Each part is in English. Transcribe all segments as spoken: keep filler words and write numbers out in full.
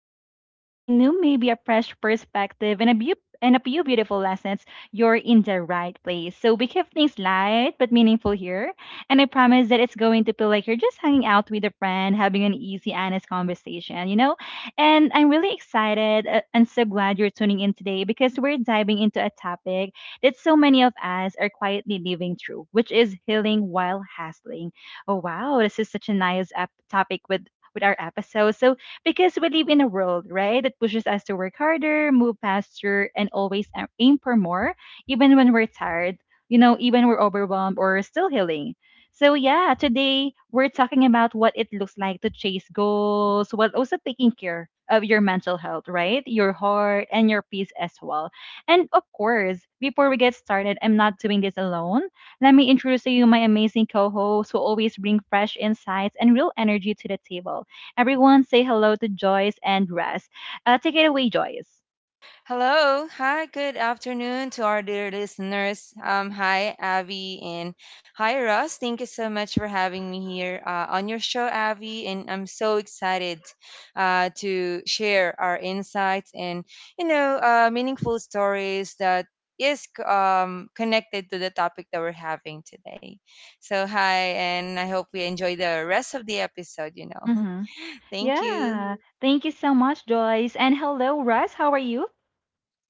if you're ready for something new, maybe a fresh perspective and a beau- and a few beautiful lessons, you're in the right place. So we keep things light but meaningful here, and I promise that it's going to feel like you're just hanging out with a friend, having an easy, honest conversation. You know, and I'm really excited uh, and so glad you're tuning in today because we're diving into a topic that so many of us are quietly living through, which is healing while hustling. Oh, wow, this is such a nice ep- topic with with our episode. So, because we live in a world, right, that pushes us to work harder, move faster, and always a- aim for more, even when we're tired, you know, even we're overwhelmed or still healing. So, yeah, today we're talking about what it looks like to chase goals while also taking care of your mental health, right? Your heart and your peace as well. And of course, before we get started, I'm not doing this alone. Let me introduce to you my amazing co hosts who always bring fresh insights and real energy to the table. Everyone say hello to Joyce and Russ. Uh, take it away, Joyce. Hello. Hi. Good afternoon to our dear listeners. Um, Um, hi, Abby, and hi, Ross. Thank you so much for having me here uh, on your show, Abby. And I'm so excited uh, to share our insights and, you know, uh, meaningful stories that is c- um, connected to the topic that we're having today. So, hi, and I hope we enjoy the rest of the episode, you know. Mm-hmm. Thank you. Yeah. okay. Thank you so much, Joyce. And hello, Russ. How are you?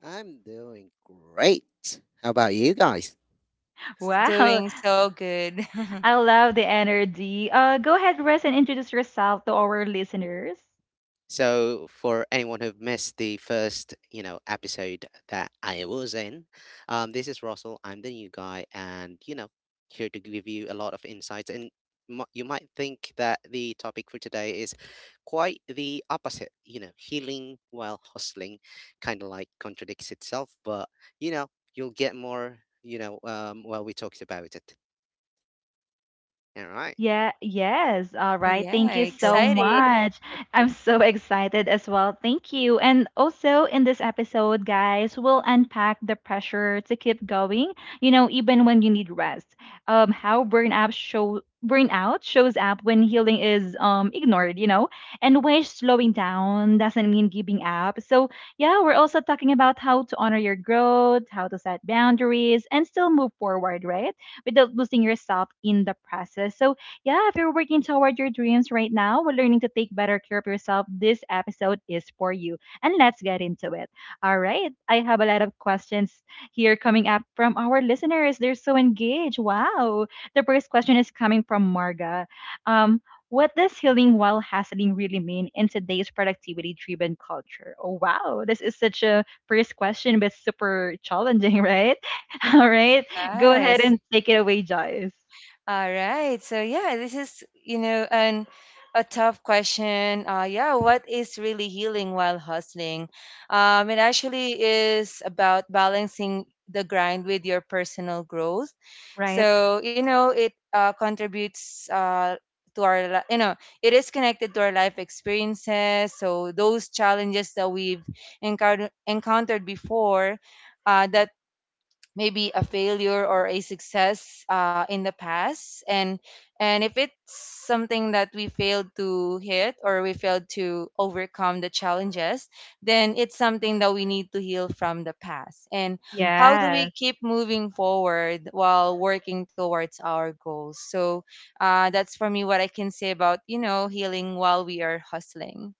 I'm doing great. How about you guys? It's Wow. doing so good. I love the energy. Uh, go ahead, Russ, and introduce yourself to our listeners. So, for anyone who've missed the first, you know, episode that I was in, um, this is Russell. I'm the new guy, and you know, here to give you a lot of insights. And m- you might think that the topic for today is quite the opposite. You know, healing while hustling, kind of like contradicts itself. But you know, you'll get more. You know, um, while we talked about it. All right. Yeah, yes. All right. Yeah, Thank you so exciting. much. I'm so excited as well. Thank you. And also in this episode, guys, we'll unpack the pressure to keep going, you know, even when you need rest. Um how burnout show burnout shows up when healing is um ignored, you know, and when slowing down doesn't mean giving up. So, yeah, we're also talking about how to honor your growth, how to set boundaries and still move forward, right, without losing yourself in the process. So yeah, if you're working toward your dreams right now while learning to take better care of yourself, this episode is for you. And let's get into it. All right. I have a lot of questions here coming up from our listeners. They're so engaged. Wow. The first question is coming from Marga. Um, what does healing while hustling really mean in today's productivity driven culture? Oh, wow. This is such a first question, but super challenging, right? All right. Go ahead Yes. and take it away, Joyce. All right. So yeah, this is, you know, an a tough question. Uh yeah, what is really healing while hustling? Um it actually is about balancing the grind with your personal growth. Right. So, you know, it uh, contributes uh to our li- you know, it is connected to our life experiences. So those challenges that we've encountered encountered before uh, that maybe a failure or a success uh, in the past and and if it's something that we failed to hit or we failed to overcome the challenges, then it's something that we need to heal from the past. And how do we Yes. keep moving forward while working towards our goals? So uh, that's for me what I can say about, you know healing while we are hustling.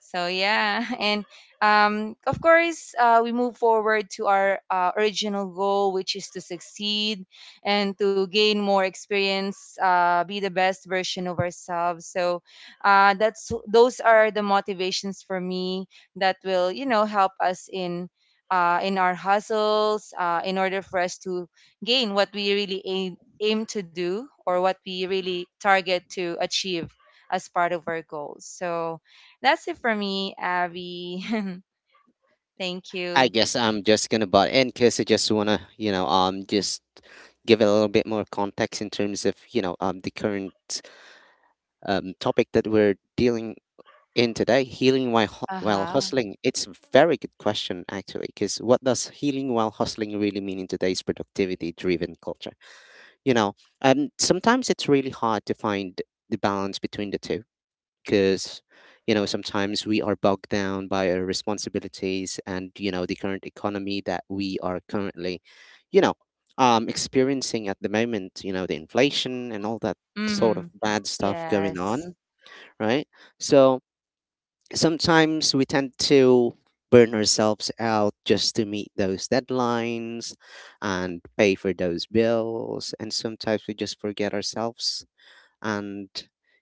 So yeah. And um, of course, uh, we move forward to our uh, original goal, which is to succeed and to gain more experience, uh, be the best version of ourselves. So, uh, that's those are the motivations for me that will, you know, help us in uh, in our hustles, uh, in order for us to gain what we really aim, aim to do, or what we really Mhm. target to achieve as part of our goals. So that's it for me, Abby. Thank I you. guess I'm just gonna butt in because I just wanna, you know, um, just give it a little bit more context in terms of, you know, um, the current um topic that we're dealing in today, healing while hu- while Uh-huh. hustling. It's a very good question actually, because what does healing while hustling really mean in today's productivity-driven culture? You know um sometimes it's really hard to find the balance between the two, because you know sometimes we are bogged down by our responsibilities, and you know the current economy that we are currently, you know um experiencing at the moment, you know the inflation and all that sort of Mm-hmm. bad stuff going Yes. on, right? So sometimes we tend to burn ourselves out just to meet those deadlines and pay for those bills, and sometimes we just forget ourselves, and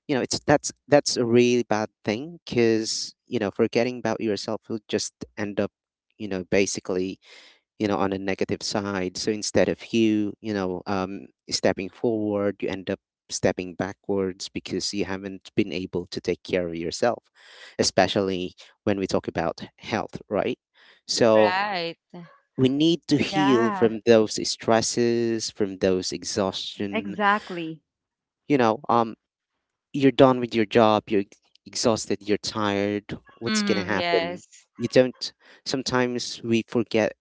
you know it's that's that's a really bad thing, because you know forgetting about yourself will just end up, you know basically, you know, on a negative side. So instead of you, you know, um, stepping forward, you end up stepping backwards because you haven't been able to take care of yourself, especially when we talk about health, right? So Right. we need to heal Yeah. from those stresses, from those exhaustion. Exactly. You know, um, you're done with your job, you're ex- exhausted, you're tired. What's gonna Mm-hmm. happen? Yes. You don't. Sometimes we forget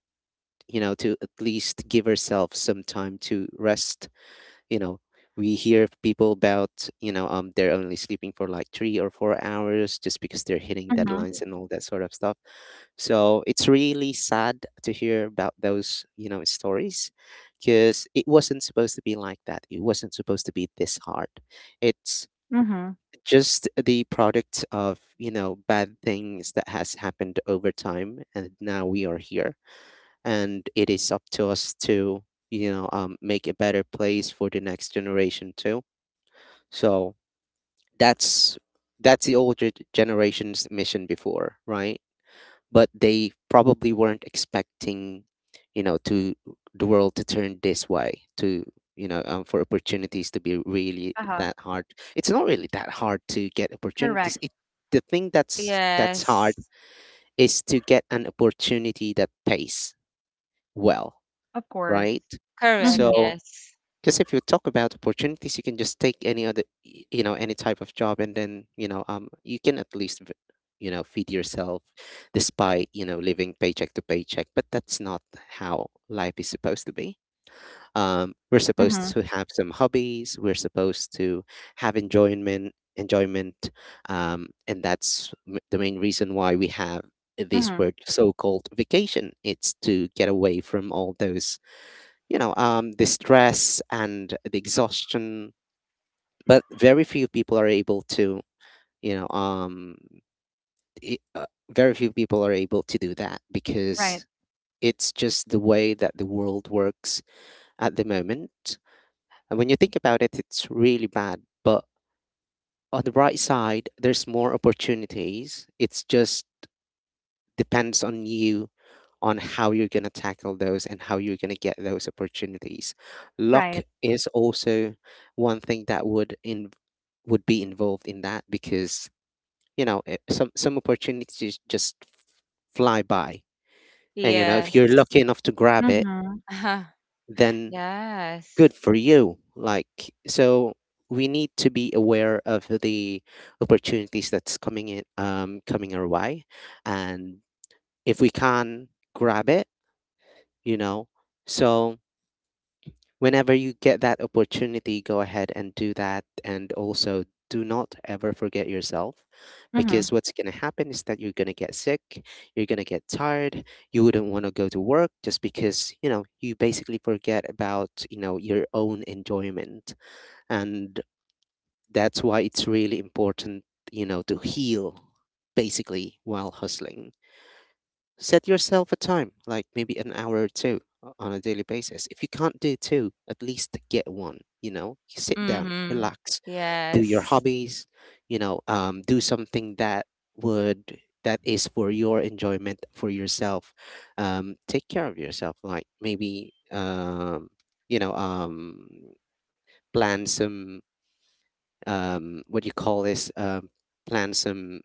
you know, to at least give herself some time to rest. You know, we hear of people about, you know, um, they're only sleeping for like three or four hours just because they're hitting Mhm. deadlines and all that sort of stuff. So it's really sad to hear about those, you know, stories, because it wasn't supposed to be like that. It wasn't supposed to be this hard. It's Mhm. just the product of, you know, bad things that has happened over time. And now we are here, and it is up to us to you know um, make a better place for the next generation too. So that's that's the older g- generation's mission before, right? But they probably weren't expecting, you know to the world to turn this way, to you know um, for opportunities to be really Uh-huh. that hard. It's not really that hard to get opportunities. Correct. It the thing that's that's hard Yes. is to get an opportunity that pays well, Of course. right? Correct. Mhm. So, Yes. because if you talk about opportunities, you can just take any other, y- you know, any type of job, and then you know, um, you can at least, v- you know, feed yourself, despite you know living paycheck to paycheck. But that's not how life is supposed to be. Um, we're supposed Mhm. to have some hobbies. We're supposed to have enjoyment, enjoyment, um, and that's m- the main reason why we have this Mhm. word so-called vacation. It's to get away from all those, you know, um, the stress and the exhaustion. But very few people are able to, you know, um, i- uh, very few people are able to do that, Right. because it's just the way that the world works at the moment. And when you think about it, it's really bad. But on the bright side, there's more opportunities. It's just depends on you, on how you're going to tackle those and how you're going to get those opportunities. Luck Right. is also one thing that would in would be involved in that, because you know eh, some some opportunities just fly by, and you know if you're Yes. lucky enough to grab it, Mhm. Uh-huh. then good Yes. for you like. So we need to be aware of the opportunities that's coming in um coming our way, and if we can grab it, you know so whenever you get that opportunity, go ahead and do that. And also, do not ever forget yourself, Mhm. because what's going to happen is that you're going to get sick, you're going to get tired, you wouldn't want to go to work just because, you know, you basically forget about, you know, your own enjoyment. And that's why it's really important, you know, to heal basically while hustling. Set yourself a time, like maybe an hour or two o- on a daily basis. If you can't do two, at least get one, you know? You Sit down, Mm-hmm. relax, do your Yes. hobbies, you know, um, do something that would that is for your enjoyment, for yourself. Um, take care of yourself, like maybe um, you know, um, plan some um, what do you call this? Um, plan some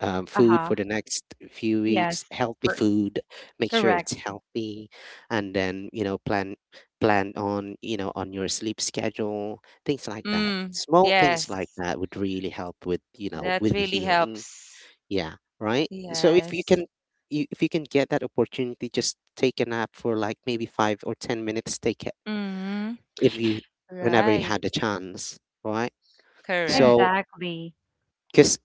um, food Uh-huh. for the next few weeks, Yes. healthy For food, make sure it's Correct. healthy, and then you know plan plan on you know on your sleep schedule, things like that. Mm. Small things like Yes. that would really help with you know That with really healing. helps. Yeah, right. So if you Yes. can you, if you can get that opportunity, just take a nap for like maybe five or ten minutes. Take it Mm-hmm. if you whenever you Right. had the chance, right? Correct. So Exactly. because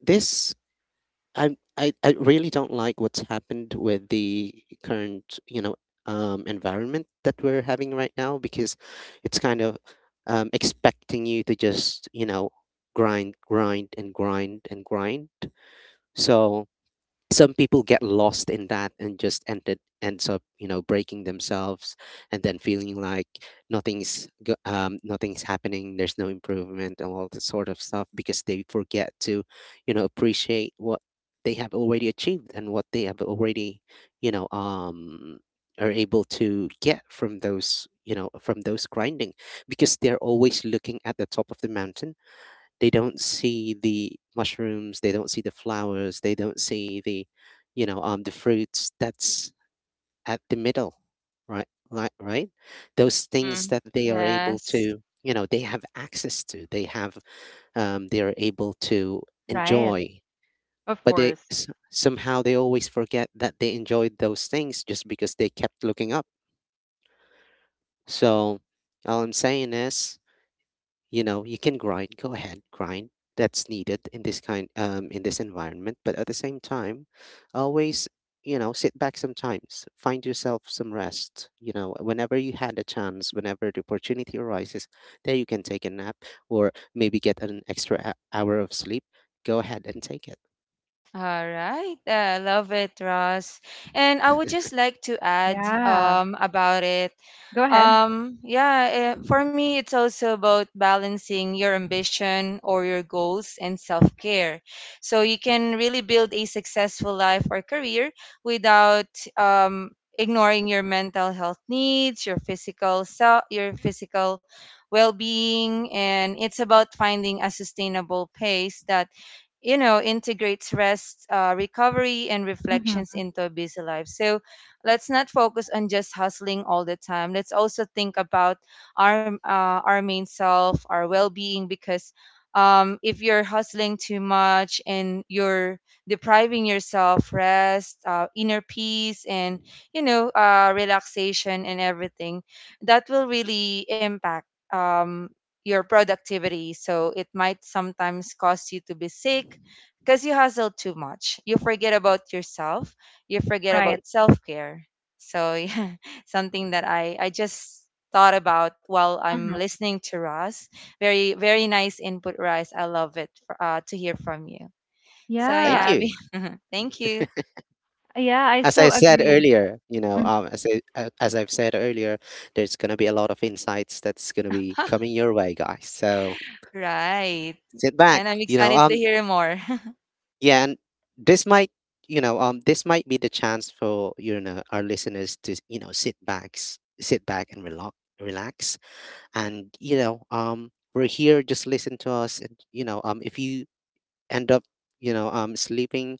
this I, I I really don't like what's happened with the current, you know, um, environment that we're having right now, because it's kind of um, expecting you to just, you know, grind, grind, and grind, and grind. So some people get lost in that and just ended ends up you know breaking themselves, and then feeling like nothing's go- um, nothing's happening, there's no improvement and all this sort of stuff, because they forget to you know appreciate what they have already achieved, and what they have already you know um are able to get from those you know from those grinding, because they're always looking at the top of the mountain. They don't see the mushrooms, they don't see the flowers, they don't see the, you know, um, the fruits that's at the middle, right? Right, right. Those things Mm-hmm. that they are able Yes. to, you know, they have access to. They have, um, they are able to Right. enjoy, Of but they s- somehow they always forget that they enjoyed those things just because they kept looking up. So all I'm saying is, you know you can grind, go ahead grind, that's needed in this kind um in this environment, but at the same time, always, you know sit back sometimes, find yourself some rest, you know whenever you had a chance, whenever the opportunity arises, there you can take a nap, or maybe get an extra h- hour of sleep. Go ahead and take it. All right, I love it, Ross. And I would just like to add Yeah. um, about it. Go ahead. Um, yeah, eh, for me, it's also about balancing your ambition or your goals and self care. So you can really build a successful life or career without um, ignoring your mental health needs, your physical self, your physical well being, and it's about finding a sustainable pace that you know integrates rest, uh, recovery, and reflections Mhm. into a busy life. So let's not focus on just hustling all the time. Let's also think about our uh, our main self, our well-being, because um, if you're hustling too much and you're depriving yourself rest, uh, inner peace, and you know uh, relaxation and everything, that will really impact um, your productivity. So it might sometimes cause you to be sick because you hustle too much. You forget about yourself. You forget Right. about self care. So yeah, something that I I just thought about while I'm Mhm. listening to Ross. Very very nice input, Ross. I love it uh, to hear from you. So Well, thank Yeah. yeah, you. we- thank you. Yeah, I As I so said agree. earlier, you know Mhm. um as i a- as I've said earlier, there's going to be a lot of insights that's going to be coming your way, guys. So Right, sit back. and I'm you know excited to um hear more. Yeah, and this might, you know, um, this might be the chance for you know our listeners to you know sit backs, sit back and relax, relax, and you know, um, we're here, just listen to us, and you know, um, if you end up, you know, um, sleeping,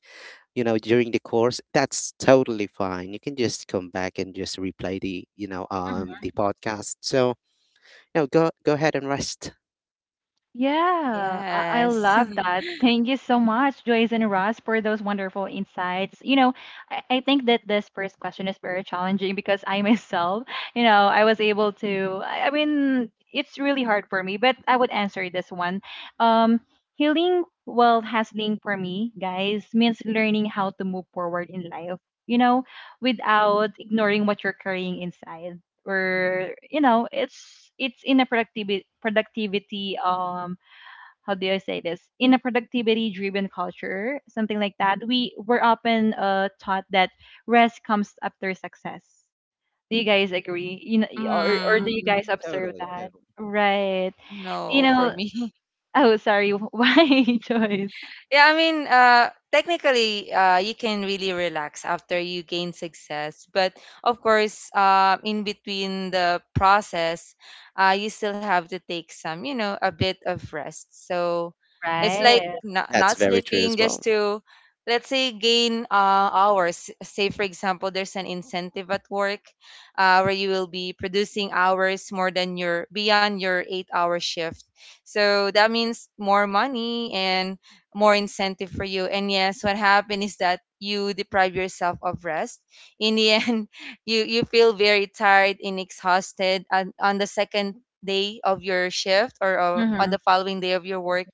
you know, during the course, that's totally fine. You can just come back and just replay the, you know, um, the podcast. So, you know, go go ahead and rest. Yeah, I, I Yes. love that. Thank you so much, Joyce and Ross, for those wonderful insights. You know, I, I think that this first question is very challenging because I myself, you know, I was able to, I, I mean, it's really hard for me, but I would answer this one. Um, healing while hustling for me, guys, means learning how to move forward in life, you know, without ignoring what you're carrying inside, or you know it's it's in a productivity productivity um how do I say this, in a productivity driven culture, something like that. We were often uh, taught that rest comes after success. Do you guys agree, you know or, or do you, Mm-hmm, guys Mm, observe Totally, that, totally. right? you no, for know me. oh, sorry. Why, choice? Yeah, I mean, uh, technically, uh, you can really relax after you gain success. But of course, uh, in between the process, uh, you still have to take some, you know, a bit of rest. So it's like Right. not, That's not very true sleeping as just well. to, let's say, gain uh, hours. Say, for example, there's an incentive at work uh, where you will be producing hours more than your, beyond your eight hour shift. So that means more money and more incentive for you. And yes, what happened is that you deprive yourself of rest. In the end, you you feel very tired and exhausted, and on the second day of your shift, or uh, on the Mm-hmm. following day of your work,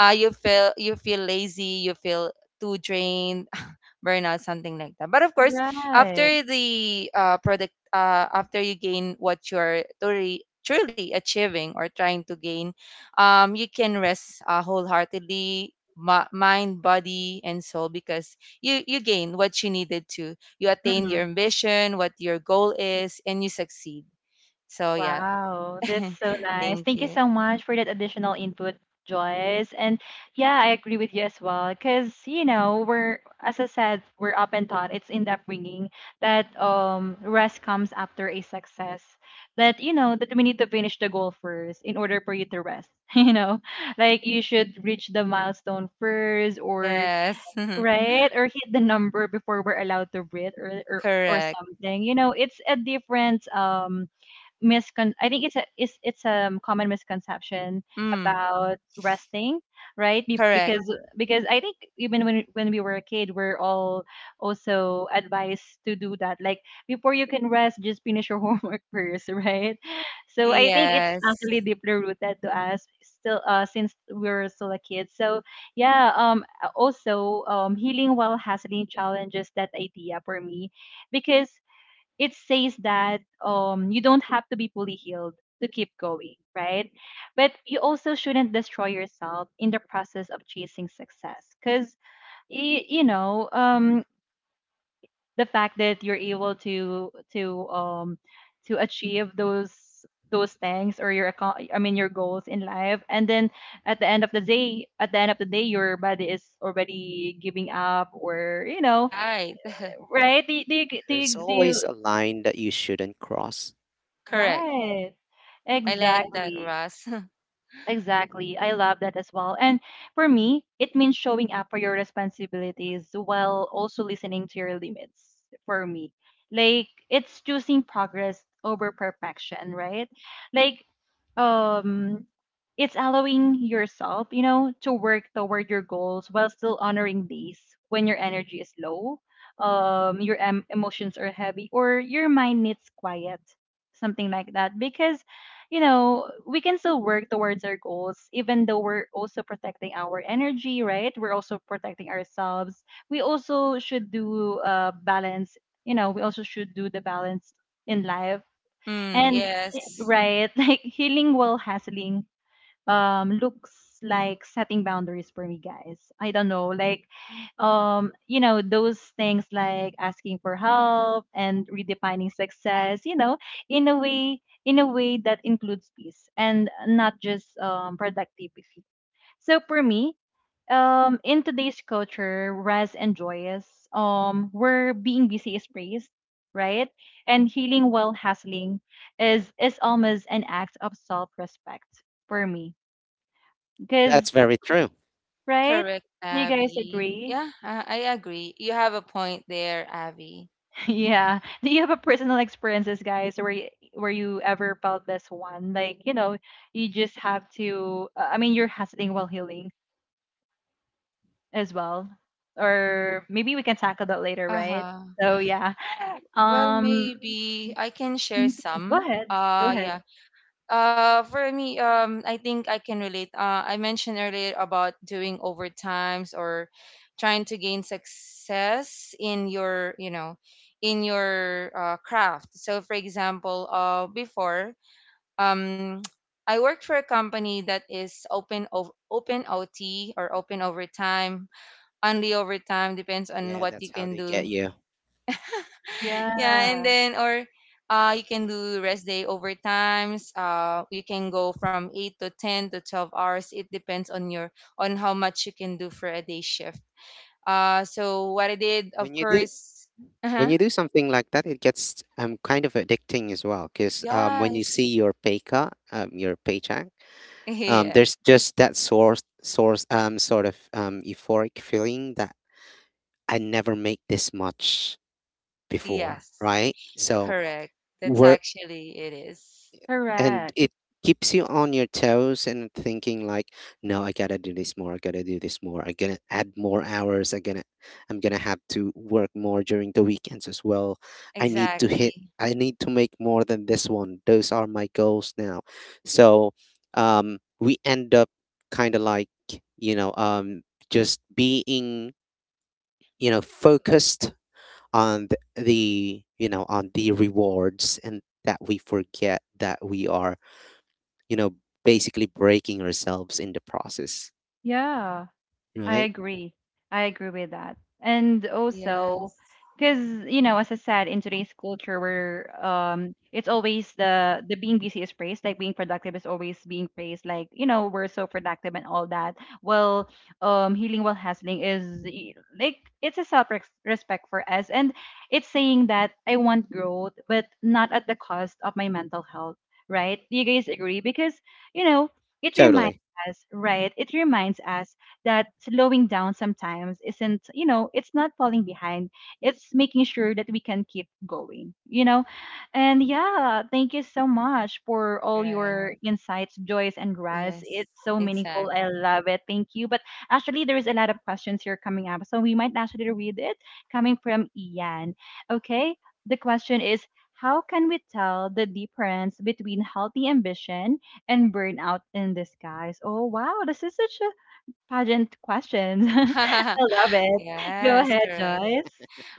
Uh, you feel, you feel lazy, you feel too drained, burnout, something like that. But of course, Right. after the uh, product, uh, after you gain what you're truly, truly achieving or trying to gain, um, you can rest uh, wholeheartedly. mi- Mind, body, and soul, because you you gain what you needed to. You attain your Mm-hmm. ambition, what your goal is, and you succeed. So yeah, Wow, that's so nice. thank Thank you you. so much for that additional input, Joyce. And yeah, I agree with you as well. Because, you know, we're, as I said, we're up and taught, it's in the upbringing that um, rest comes after a success. That, you know, that we need to finish the goal first in order for you to rest. You know, like you should reach the milestone first or, Yes, right, or hit the number before we're allowed to breathe, or, or, or correct. something. You know, it's a different, um, miscon I think it's a it's it's a um, common misconception Mm, about resting, right? Be- correct. Because because I think even when when we were a kid, we're all also advised to do that. Like before you can rest, just finish your homework first, right? So I think it's Yes, actually deeply rooted to us still uh since we were still a kid. So yeah, um also, um healing while hustling challenges that idea for me, because it says that um you don't have to be fully healed to keep going, right? But you also shouldn't destroy yourself in the process of chasing success, cuz you know, um the fact that you're able to to um to achieve those those things, or your account I mean, your goals in life, and then at the end of the day at the end of the day your body is already giving up, or you know right. right, do, you- do you do There's you, do you always a line that you shouldn't cross. Correct. Right. I like that, Exactly. Russ. Exactly. I love that as well. And for me, it means showing up for your responsibilities while also listening to your limits for me. Like, it's choosing progress over perfection, right? Like, um it's allowing yourself, you know, to work toward your goals while still honoring these when your energy is low, um your em- emotions are heavy, or your mind needs quiet, something like that, because you know, we can still work towards our goals, even though we're also protecting our energy, right? We're also protecting ourselves. We also should do uh, balance, you know, we also should do the balance in life. Mm, And, eh, yes, right, like healing while hustling, um, looks like setting boundaries for me, guys. I don't know, like um you know those things, like asking for help and redefining success, you know in a way in a way that includes peace and not just um productivity. So for me, um in today's culture, rest and joyous, um where being busy is praised, right, and healing while hustling is is almost an act of self-respect for me, That's because, very true. right, correct, do you guys Abby. agree? Yeah, I, I agree. You have a point there, Abby. Yeah. Do you have a personal experiences, guys, where you, where you ever felt this one? Like, you know, you just have to. Uh, I mean, you're hustling while healing as well, or maybe we can tackle that later, right? Uh-huh. So yeah. Well, Um, maybe I can share go some. ahead. Go Uh, ahead. Yeah. Uh, for me, um, I think I can relate. Uh, I mentioned earlier about doing overtimes or trying to gain success in your, you know, in your uh, craft. So, for example, uh, before, um, I worked for a company that is open ov- open O T, or open overtime, only overtime depends on Yeah, what you that's how can they get do. you. Yeah, and Yeah. then or uh, you can do rest day overtimes. Uh, you can go from eight to ten to twelve hours. It depends on your on how much you can do for a day shift. Uh, so what I did, of When you do course, when uh-huh, you do something like that, it gets um kind of addicting as well. Because um when you see yes, your pay cut, um your paycheck, um yeah, there's just that source source um sort of um euphoric feeling that I never make this much before, yes, right? So correct. That's we're actually it is. and Correct. it keeps you on your toes and thinking like, no, I gotta do this more, I gotta do this more, I gotta add more hours, I gonna I'm gonna have to work more during the weekends as well. I need to hit Exactly. I need to make more than this one. Those are my goals now. So um we end up kind of like, you know, um just being, you know, focused on th- the you know on the rewards, and that we forget that we are, you know basically, breaking ourselves in the process, Yeah. I right? agree. I agree with that. And also, Yes. because you know, as I said, in today's culture, where um, it's always the the being busy is praised, like being productive is always being praised, like you know, we're so productive and all that. Well, um, healing while hustling is y- like it's a self respect for us, and it's saying that I want growth, but not at the cost of my mental health, right? You guys agree? Because you know, it reminds Totally. us, right? It reminds us that slowing down sometimes isn't, you know, it's not falling behind. It's making sure that we can keep going, you know? And yeah, thank you so much for All all right. your insights, Joyce and Raz. Yes. It's so meaningful. I Exactly. love it. Thank you. But actually, there's a lot of questions here coming up. So we might actually read it coming from Ian. Okay. The question is, how can we tell the difference between healthy ambition and burnout in disguise? Oh, wow. This is such a Pageant questions. I love it. Go Yes, ahead, correct. Joyce.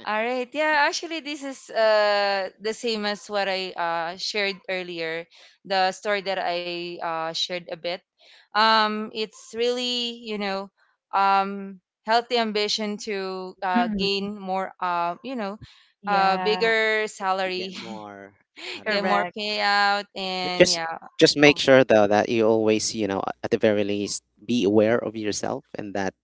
All right. Yeah, actually this is uh the same as what I uh shared earlier, the story that Yeah, yeah, I yeah. uh I shared think a bit. uh I think Um Joyce It's is actually really, you um know, gathering her thoughts. um healthy ambition to uh Hmm. gain more, uh you know, uh Yeah, bigger We get salary, more out of get it, more correct. payout, but and just yeah. just make Oh, sure though that you always, you know at the very least, be aware of yourself, and that,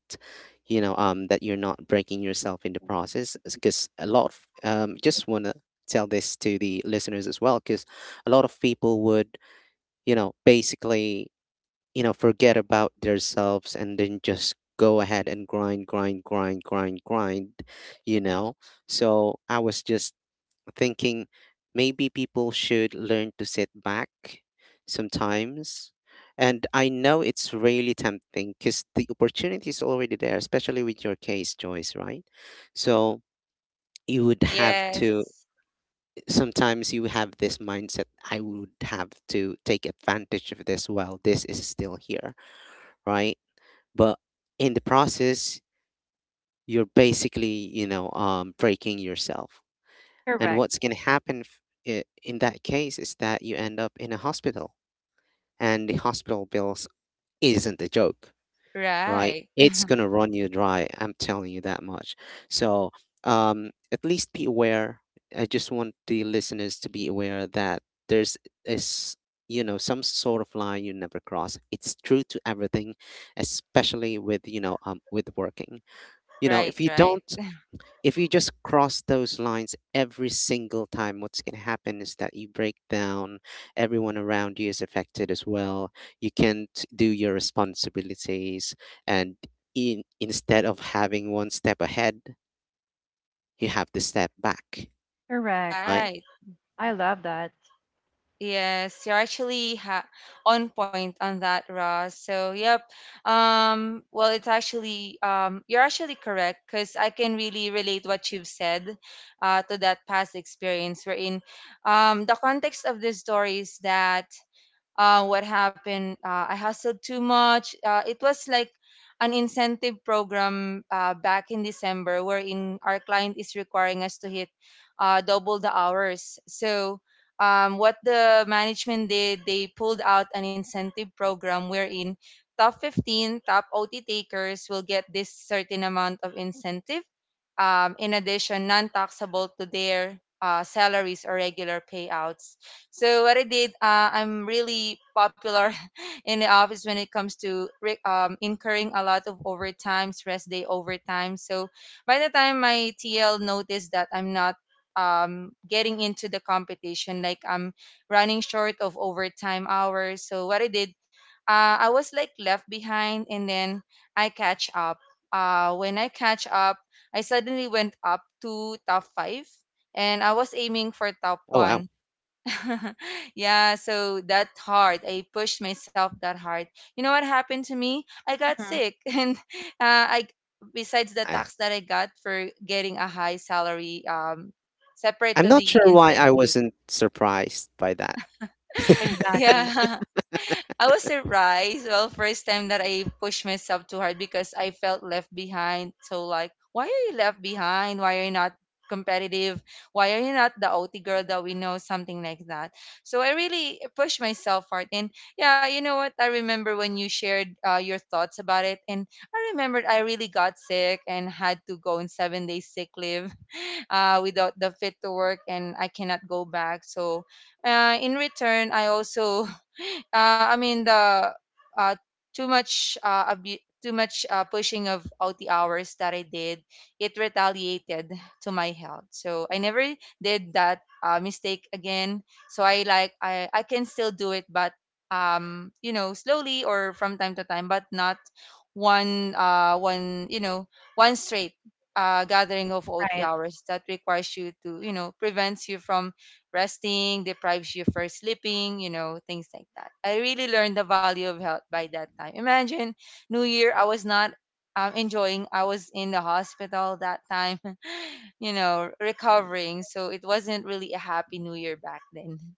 you know um that you're not breaking yourself in the process. Because a lot of, um just want to tell this to the listeners as well, because a lot of people would, you know basically, you know, forget about themselves and then just go ahead and grind, grind, grind, grind, grind, you know? So I was just thinking, maybe people should learn to sit back sometimes. And I know it's really tempting because the opportunity is already there, especially with your case, Joyce, right? So you would mm, have to, yes. sometimes you have this mindset, I would have to take advantage of this while this is still here, right? But in the process you're basically, you know um, breaking yourself. And Correct. what's going to happen f- i- in that case is that you end up in a hospital, and the hospital bills isn't a joke, right? Right, It's going to run you dry, I'm telling you that much. So, um, at least be aware. I just want the listeners to be aware that there's is you know some sort of line you never cross. It's true to everything, especially with you know um, with working. You know, right, if you right, don't, if you just cross those lines every single time, what's going to happen is that you break down. Everyone around you is affected as well. You can't do your responsibilities. And, in, instead of having one step ahead, you have to step back, Correct. right? right. I love that. Yes, you're actually ha on point on that, Ross. So, yep. Um, well, it's actually um, you're actually correct because I can really relate what you've said uh, to that past experience. Wherein, um, the context of this story is that uh, what happened, uh, I hustled too much. Uh, it was like an incentive program uh, back in December, wherein our client is requiring us to hit uh, double the hours. So um, what the management did, they pulled out an incentive program wherein top fifteen top O T takers will get this certain amount of incentive, um, in addition non-taxable to their uh, salaries or regular payouts. So what I did, uh, I'm really popular in the office when it comes to re- um, incurring a lot of overtimes, rest day overtime. So by the time my T L noticed that I'm not um, getting into the competition, like I'm running short of overtime hours. So what I did, uh, I was like left behind, and then I catch up. Uh, when I catch up, I suddenly went up to top five, and I was aiming for top Oh, wow. one. Yeah, so that hard. I pushed myself that hard. You know what happened to me? I got Hmm. sick and uh, I besides the I, tax that I got for getting a high salary, um separate I'm to not the sure why I incentive. wasn't surprised by that. Exactly. Yeah. I was surprised. Well, first time that I pushed myself too hard because I felt left behind. So like, why are you left behind? Why are you not competitive? Why are you not the O T girl that we know? Something like that. So I really pushed myself hard. And yeah, you know what? I remember when you shared uh, your thoughts about it, and I remembered I really got sick and had to go on seven days sick leave uh, without the fit to work, and I cannot go back. So uh, in return, I also, uh, I mean the uh, too much uh, abu- too much uh, pushing of O T hours that I did, it retaliated to my health. So I never did that uh, mistake again. So I like I I can still do it, but um you know, slowly or from time to time, but not one uh one you know one straight uh gathering of O T Right. hours that requires you to, you know prevents you from resting, deprives you for sleeping, you know, things like that. I really learned the value of health by that time. Imagine New Year, I was not um, enjoying, I was in the hospital that time, you know, recovering. So it wasn't really a happy New Year back then.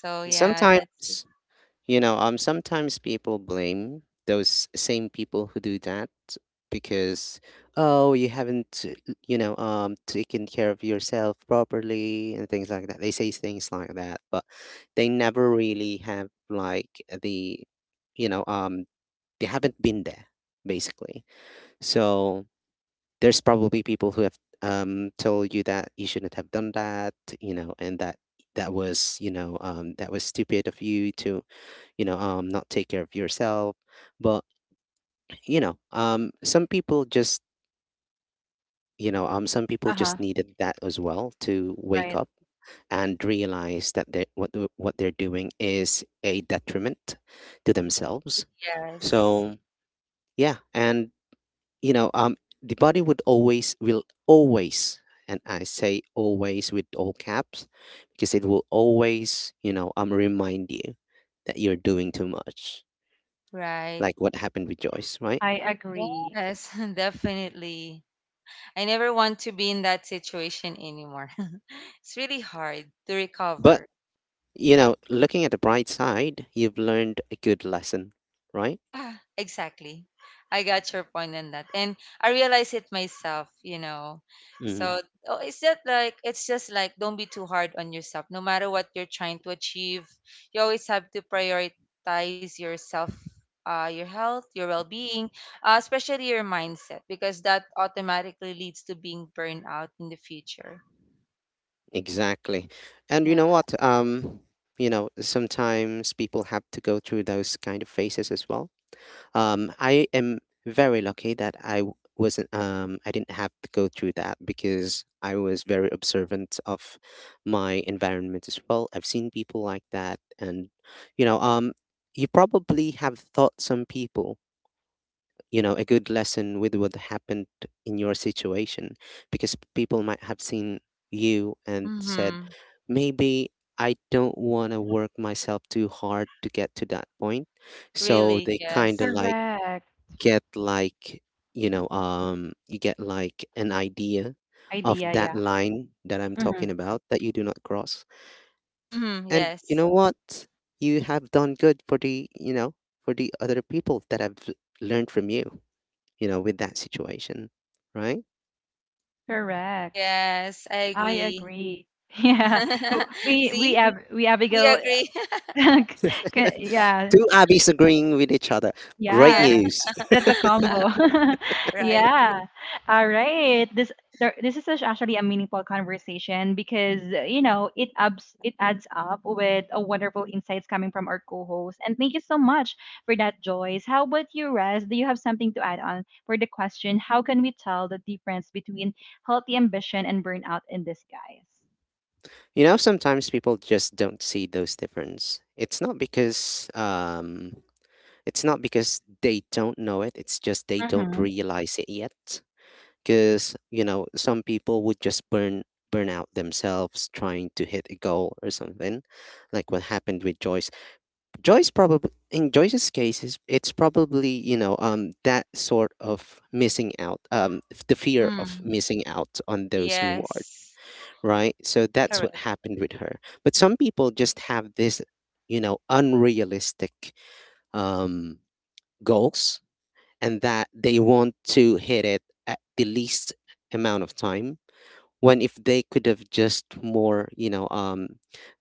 So And yeah, that's it. sometimes, you know, um, sometimes people blame those same people who do that because, oh, you haven't, uh, you know, um, taken care of yourself properly and things like that. They say things like that, but they never really have, like, the, you know, um, they haven't been there basically. So there's probably people who have, um told you that you shouldn't have done that, you know, and that, that was, you know um, that was stupid of you to, you know um not take care of yourself. But, you know um some people just, you know um some people Uh-huh. just needed that as well to wake Right. up and realize that they what the- what they're doing is a detriment to themselves. Yes, So yeah, and, you know um the body would always, will always and I say always with all caps, because it will always, you know um remind you that you're doing too much, right. like what happened with Joyce, right? I agree. Yes, definitely. I never want to be in that situation anymore. It's really hard to But, recover. you know, looking at the bright side, you've learned a good lesson, right? Yeah, exactly. I got your point on that. And I realize it myself, you know. Hmm. So oh, it's just like, it's just like don't be too hard on yourself. No matter what you're trying to achieve, you always have to prioritize yourself, uh, your health, your well-being, uh, especially your mindset, because that automatically leads to being burned out in the future. Exactly. And you Yeah. know what? Um, you know, sometimes people have to go through those kind of phases as well. Um, I am very lucky that I w- wasn't, um, I didn't have to go through that, because I was very observant of my environment as well. I've seen people like that, and, you know, um, you probably have thought some people, you know a good lesson with what happened in your situation, because people might have seen you and said, Mm-hmm. maybe I don't want to work myself too hard to get to that point. So Really, they kind of yes. like, Correct. get like you know um you get like an idea of Idea, that yeah. line that I'm talking Mhm. about, that you do not cross. Mm-hmm. And you know Yes. what? You have done good for the, you know for the other people that have learned from you, you know, with that situation, right? Correct. Yes, I I agree. agree. Yeah. W- We we See? Ab we We Abigail. agree. C- yeah, Two Abbies agreeing with each other. Great Yeah. yeah, news. that's a combo. Right. Yeah. All right. This there, this is such- actually a meaningful conversation, because uh, you know it ups it adds up with a wonderful insights coming from our co-host. And thank you so much for that, Joyce. How about you, Res? Do you have something to add on for the question? How can we tell the difference between healthy ambition and burnout in disguise, You know, sometimes people just don't see those difference. It's not because um, it's not because they don't know it. It's just they guys? don't Mm-hmm. realize it yet. Because, you know some people would just burn burn out themselves trying to hit a goal or something, like what happened with Joyce. Joyce, probably in Joyce's case, is it's probably, you know um that sort of missing out, um f- the fear of Mm. missing out on those rewards, Yes. right? So that's what Correct. happened with her. But some people just have this, you know unrealistic, um goals, and that they want to hit it at the least amount of time, when if they could have just more, you know um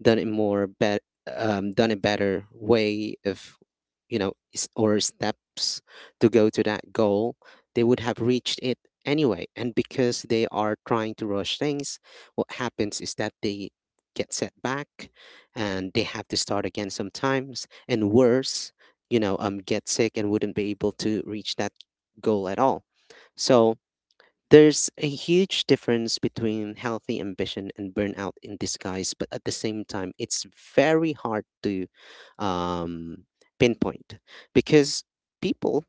done it more bet um done a better way of, you know s- or steps to go to that goal, they would have reached it anyway. And because they are trying to rush things, what happens is that they get set back, and they have to start again sometimes, and worse, you know um get sick and wouldn't be able to reach that goal at all. So there's a huge difference between healthy ambition and burnout in disguise, but at the same time, it's very hard to, um, pinpoint, because people,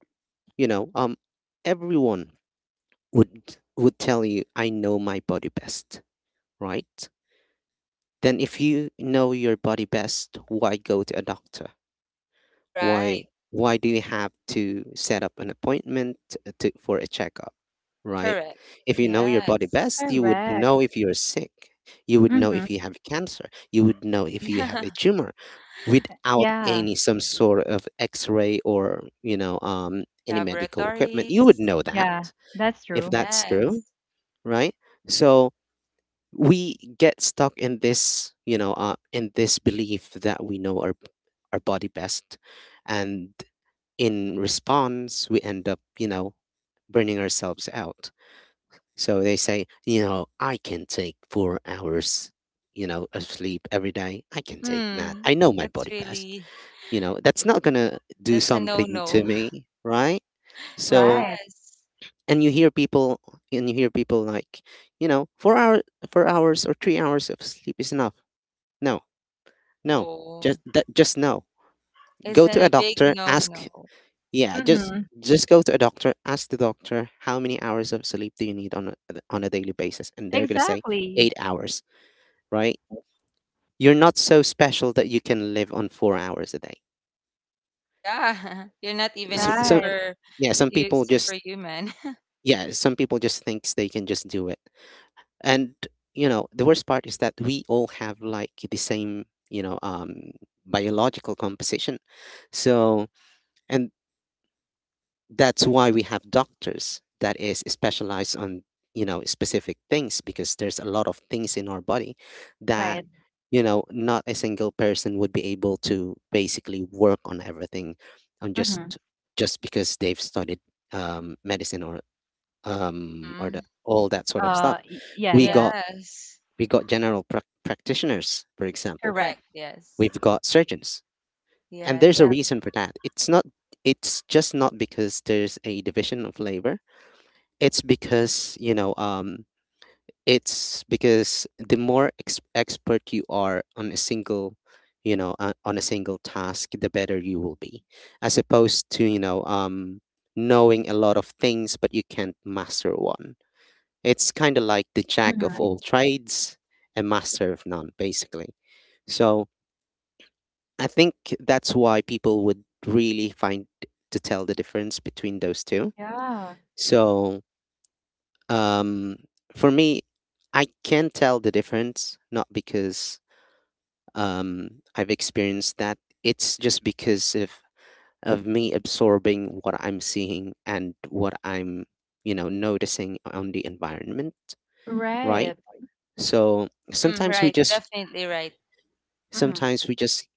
you know, um, everyone would would tell you, "I know my body best," right? Then, if you know your body best, why go to a doctor? Why Right. why do you have to set up an appointment, uh, to, for a checkup, right? Correct. If you know your body best, Yes. you would Correct. know if you're sick. You would know Mm-hmm. if you have cancer. You would know if you have Yeah. a tumor without Yeah. any some sort of x-ray, or, you know, um, any medical equipment. You Laboratories. would know that, Yeah. That's if true. that's true, Yes. right? So we get stuck in this, you know, uh, in this belief that we know our our body best, and in response, we end up, you know, burning ourselves out. So they say, you know, I can take four hours, you know, of sleep every day. I can take that. Mm. I know my That's body best. really, You know, that's not going to do that's a something no-no. to me, right? So, Right. Yes. and you hear people, and you hear people like, you know, four hours, four hours or three hours of sleep is enough. No, no, just, No. that, just no. It's Go to a a big doctor, ask— no-no. Yeah, just, Mm-hmm. just go to a doctor, ask the doctor how many hours of sleep do you need on a, on a daily basis, and they're gonna say Exactly. eight hours, right? You're not so special that you can live on four hours a day. Yeah. You're not even a So, so Right, super, yeah, some you people just— superhuman. Yeah, some people just thinks they can just do it. And, you know the worst part is that we all have, like, the same, you know um biological composition. So, and that's why we have doctors that is specialized on, you know specific things, because there's a lot of things in our body that, right. you know not a single person would be able to basically work on everything, on just Mhm. just because they've studied, um, medicine, or, um, or the, Mm. all that sort of stuff. Uh, y yeah, we yeah. got Yes. we got general prac practitioners for example. Correct. Correct. Yes. We've got surgeons. And Yeah. there's a The reason for that. It's not it's just not because there's a division of labor. It's because, you know um it's because the more ex- expert you are on a single you know uh, on a single task, the better you will be, as opposed to, you know um knowing a lot of things but you can't master one. It's kind of like the jack of Mhm. all trades and master of none, basically. So I think that's why people would really find to tell the difference between those two. Yeah. So, Um, for me, I can tell the difference, not because, um, I've experienced that. It's just because of of me absorbing what I'm seeing, and what I'm, you know, noticing on the environment, right? Right. So Mhm, sometimes we right, just definitely right. Mhm. sometimes we just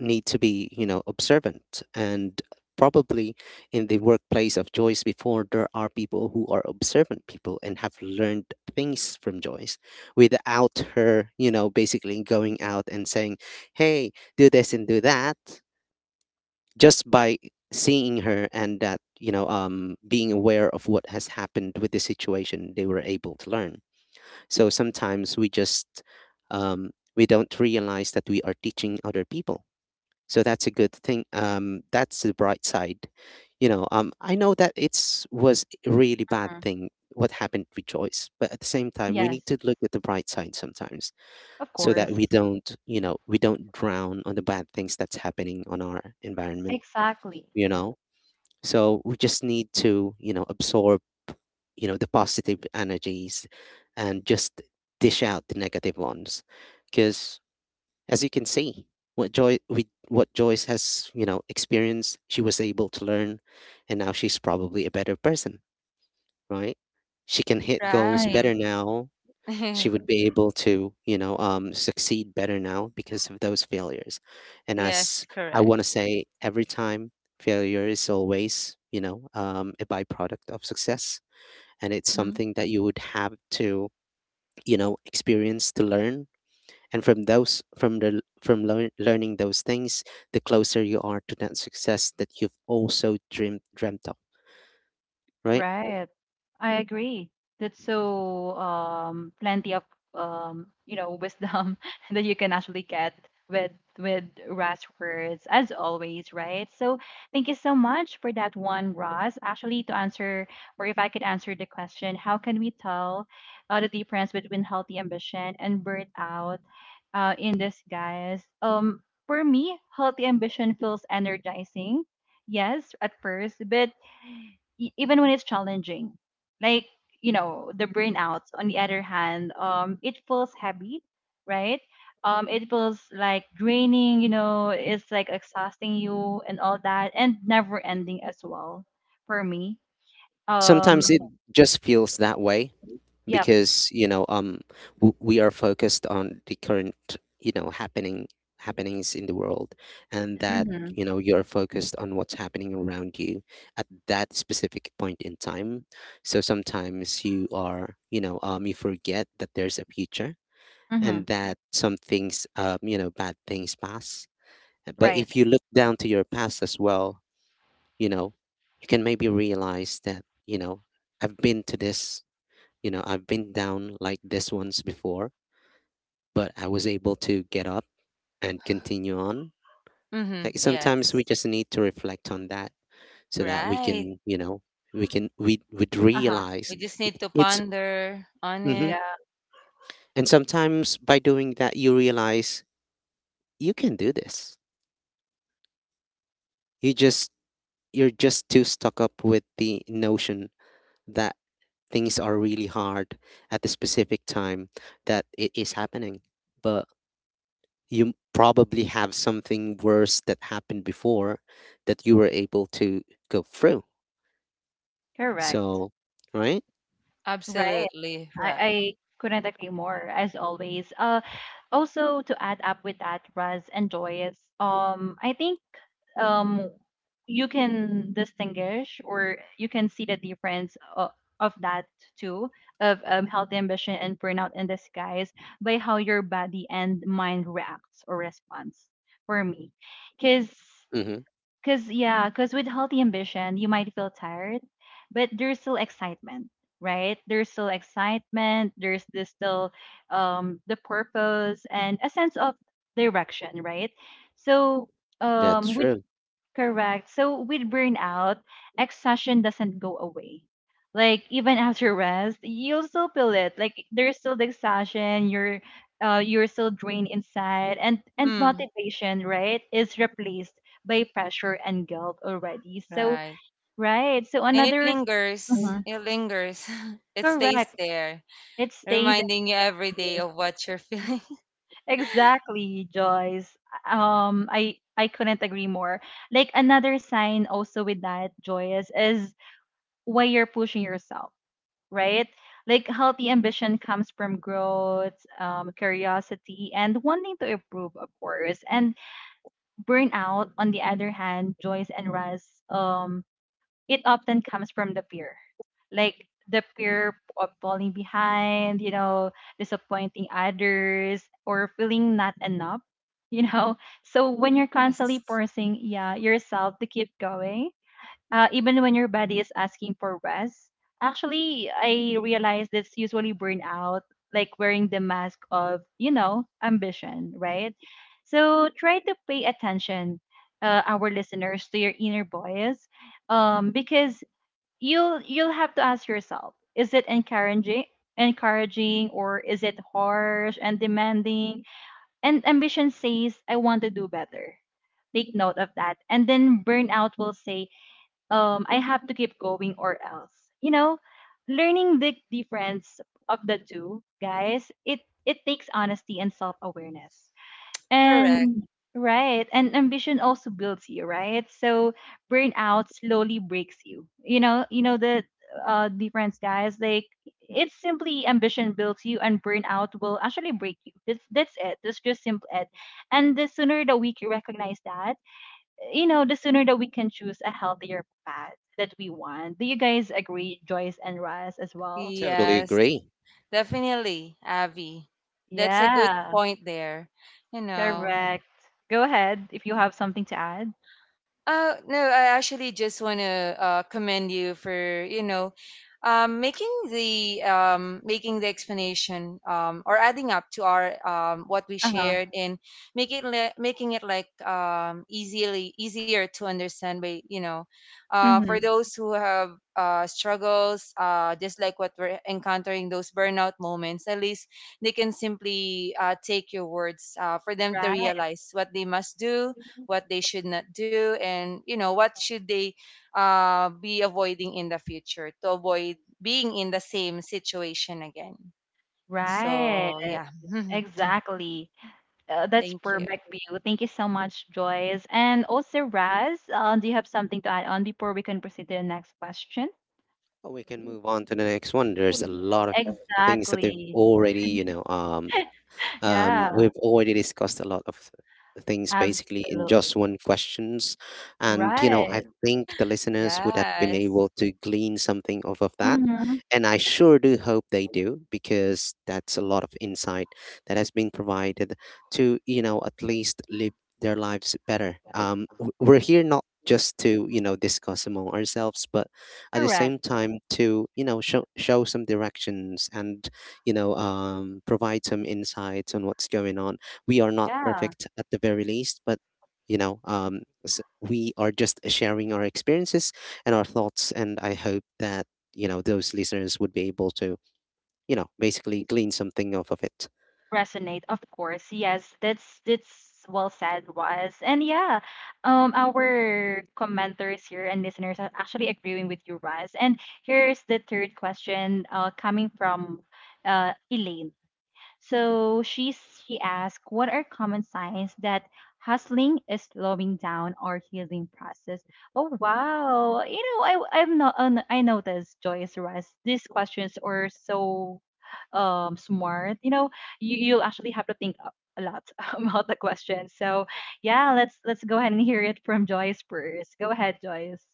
need to be, you know, observant. And probably in the workplace of Joyce before, there are people who are observant people and have learned things from Joyce without her, you know, basically going out and saying, hey, do this and do that, just by seeing her, and that, you know um being aware of what has happened with the situation, they were able to learn. So sometimes we just, um we don't realize that we are teaching other people, so that's a good thing. Um, that's the bright side. You know, um, I know that it's was a really bad thing what happened with Joyce, but at the same time, we need Yes. to look at the bright side sometimes, Of so that we course. don't, you know, we don't drown on the bad things that's happening on our environment. Exactly. You know, so we just need to, you know, absorb, you know, the positive energies, and just dish out the negative ones. Because, as you can see, what Joy with what Joyce has, you know, experienced, she was able to learn, and now she's probably a better person, right? She can hit goals Right. Mhm. better now. She would be able to, you know, um, succeed better now, because of those failures. And Yes, as I correct. want to say, every time failure is always, you know, um, a byproduct of success, and it's Mm-hmm. something that you would have to, you know, experience to learn and from those from the from learn, learning those things, the closer you are to that success that you've also dreamed dreamt of, right? Right. I agree. That's so um, plenty of um, you know wisdom that you can actually get with with Ross words as always, right? So thank you so much for that one, Ross. Actually, to answer or if I could answer the question, how can we tell uh, the difference between healthy ambition and burnout, uh, in this, guys? Um, for me, healthy ambition feels energizing, yes, at first, but e- even when it's challenging like you know the burnouts on the other hand um it feels heavy, right. Um it feels like draining, you know, it's like exhausting you and all that and never Mhm. ending as well for me. um Sometimes it just feels that way yep. because you know um w- we are focused on the current, you know happening happenings in the world, and that, Mm-hmm, you know you're focused on what's happening around you at that specific point in time. So sometimes you are you know um you forget that there's a future, mm-hmm. and that some things, um, you know, bad things pass. But Right. if you look down to your past as well, you know, you can maybe realize that, you know, I've been to this, you know, I've been down like this once before, but I was able to get up and continue on. Mhm, Like sometimes yes. we just need to reflect on that so that we Right. can, you know, we can we would Uh-huh. We realize just need it. to it's ponder on hmm it. Yeah. and sometimes by doing that, you realize you can do this. You just you're just too stuck up with the notion that things are really hard at the specific time that it is happening. But you probably have something worse that happened before that you were able to go through. Correct. So, right? Right. Absolutely I, right. I couldn't agree more, as always. Uh, also to add up with that, Raz and Joyce, um, I think um, you can distinguish or you can see the difference of, of that too, of um, healthy ambition and burnout in disguise by how your body and mind reacts or responds for me. Because Mm-hmm. Cause yeah, cause with healthy ambition, you might feel tired, but there's still excitement, right? There's still excitement. There's this still um the purpose and a sense of direction, right? So That's um with true. Correct. So with burnout, exhaustion doesn't go away. Like even after rest, you'll still feel it. Like there's still the exhaustion. You're, uh, you're still drained inside, and and Mm. motivation, right, is replaced by pressure and guilt already. So Right. right. So And it another lingers. hmm It lingers. It stays correct. there, It stays. reminding you every day Yes. of what you're feeling. Exactly, Joyce. Um, I I couldn't agree more. Like another sign also with that, Joyce, is why you're pushing yourself, right? Like healthy ambition comes from growth, um, curiosity, and wanting to improve, of course. And burnout, on the other hand, joys and rest, um, it often comes from the fear, like the fear of falling behind, you know, disappointing others, or feeling not enough, you know. So when you're Yes. constantly forcing, yeah, yourself to keep going, uh, even when your body is asking for rest. Actually, I realized it's usually burnout, like wearing the mask of, you know, ambition, right? So try to pay attention, uh, our listeners, to your inner voice, um, because you'll you'll have to ask yourself: Is it encouraging, encouraging, or is it harsh and demanding? And ambition says, "I want to do better." Take note of that, and then burnout will say, um, I have to keep going or else. You know, learning the difference of the two, guys, it it takes honesty and self awareness. Correct. And right, and ambition also builds you, right? So burnout slowly breaks you. You know, you know the uh difference, guys. Like it's simply ambition builds you and burnout will actually break you. That's that's it. That's just simple it. And the sooner that we can recognize that, you know, the sooner that we can choose a healthier path that we want. Do you guys agree, Joyce and Russ, as well? Totally Yes. agree. Definitely, Avi. That's a good Yeah, point there. You know, correct. Go ahead if you have something to add. Uh, no, I actually just want to uh, commend you for, you know, um, making the um, making the explanation, um, or adding up to our, um, what we Uh huh. shared, and making le- making it like, um, easily easier to understand by, you know, uh, for Mm-hmm. those who have uh, struggles, uh, just like what we're encountering, those burnout moments, at least they can simply uh, take your words uh, for them to Right, realize what they must do, what they should not do, and you know what should they uh, be avoiding in the future to avoid being in the same situation again. right. So yeah. Exactly. Uh, that's Thank you. perfect view. Thank you so much, Joyce. And also, Raz, uh, do you have something to add on before we can proceed to the next question? Well, we can move on to the next one. There's a lot of things that they've Exactly. already, you know, um, Um, Yeah, we've already discussed a lot of things basically in absolutely. just one questions, and you know I Right. think the listeners would have been Yes. able to glean something off of that, Mm-hmm. and I sure do hope they do because that's a lot of insight that has been provided to, you know at least live their lives better. Um, w- we're here not just to, you know discuss among ourselves, but at the same Correct. time to, you know show show some directions and, you know, um, provide some insights on what's going on. We are not Yeah, perfect at the very least, but, you know, um, s we are just sharing our experiences and our thoughts. And I hope that, you know those listeners would be able to, you know, basically glean something off of it. resonate, of course. Yes, that's that's well said, was. And yeah, um, our commenters here and listeners are actually agreeing with you, Raz. And here's the third question, uh, coming from uh Elaine. So she she asked, "What are common signs that hustling is slowing down our healing process?" Oh wow! You know, I i have not uh, I noticed Joyce Russ. These questions are so um smart. You know, you you'll actually have to think a a lot about the question. So yeah, let's let's go ahead and hear it from Joyce first. Go ahead, Joyce.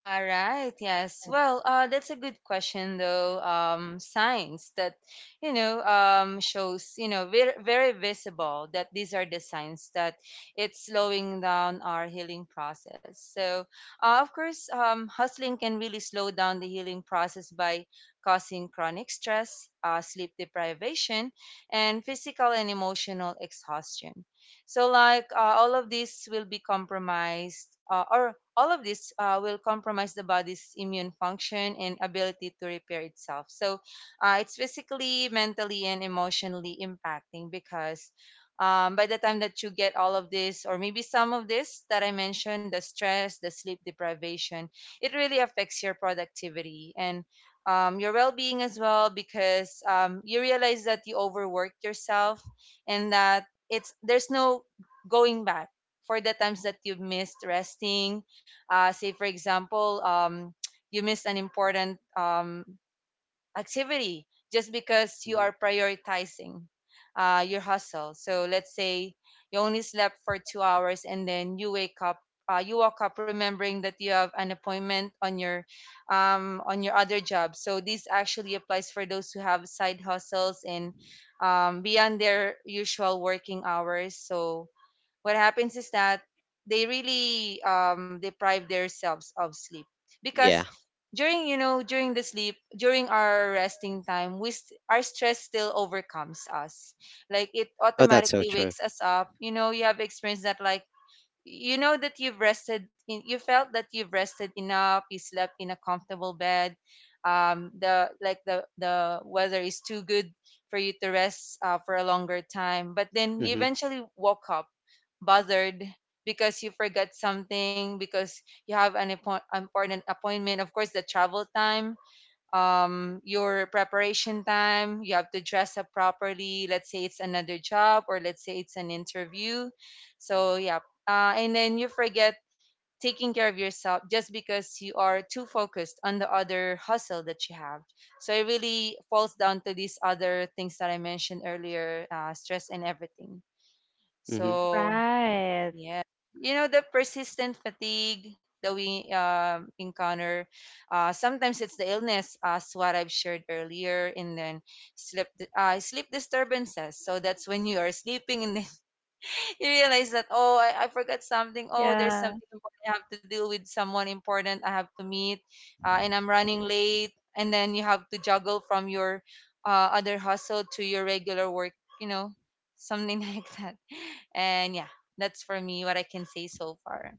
All right. Yes. Well, uh, that's a good question, though. Um, signs that, you know, um, shows, you know, very, very visible that these are the signs that it's slowing down our healing process. So, uh, of course, um, hustling can really slow down the healing process by causing chronic stress, uh, sleep deprivation, and physical and emotional exhaustion. So, like, uh, all of these will be compromised, uh, or all of this uh, will compromise the body's immune function and ability to repair itself. So uh, it's physically, mentally, and emotionally impacting because um, by the time that you get all of this, or maybe some of this that I mentioned, the stress, the sleep deprivation, it really affects your productivity and, um, your well being as well, because um, you realize that you overworked yourself, and that it's there's no going back for the times that you've missed resting. Uh, say, for example, um, you missed an important um, activity just because you Hmm. are prioritizing uh, your hustle. So let's say you only slept for two hours and then you wake up. Uh, you woke up remembering that you have an appointment on your, um, on your other job. So this actually applies for those who have side hustles and um, beyond their usual working hours. So what happens is that they really um, deprive themselves of sleep, because Yeah. during, you know, during the sleep, during our resting time, we st- our stress still overcomes us, like it Oh, that's so automatically true. wakes us up. You know, you have experienced that. Like, you know that you've rested in, you felt that you've rested enough, you slept in a comfortable bed, um the like the the weather is too good for you to rest uh, for a longer time, but then you Mm-hmm. eventually woke up bothered because you forgot something, because you have an appoint- important appointment. Of course, the travel time, um your preparation time, you have to dress up properly, let's say it's another job, or let's say it's an interview. So yeah, uh, and then you forget taking care of yourself just because you are too focused on the other hustle that you have. So it really falls down to these other things that I mentioned earlier, uh, stress and everything. Mm-hmm. So Right. yeah. You know, the persistent fatigue that we um, encounter, uh, sometimes it's the illness, as what I've shared earlier, and then sleep, uh, sleep disturbances. So that's when you are sleeping and then you realize that, oh, I, I forgot something, oh, there's Yeah. something important I have to deal with, someone important I have to meet, uh, and I'm running late, and then you have to juggle from your, uh, other hustle to your regular work. You know, something like that. And yeah, that's for me what I can say so far.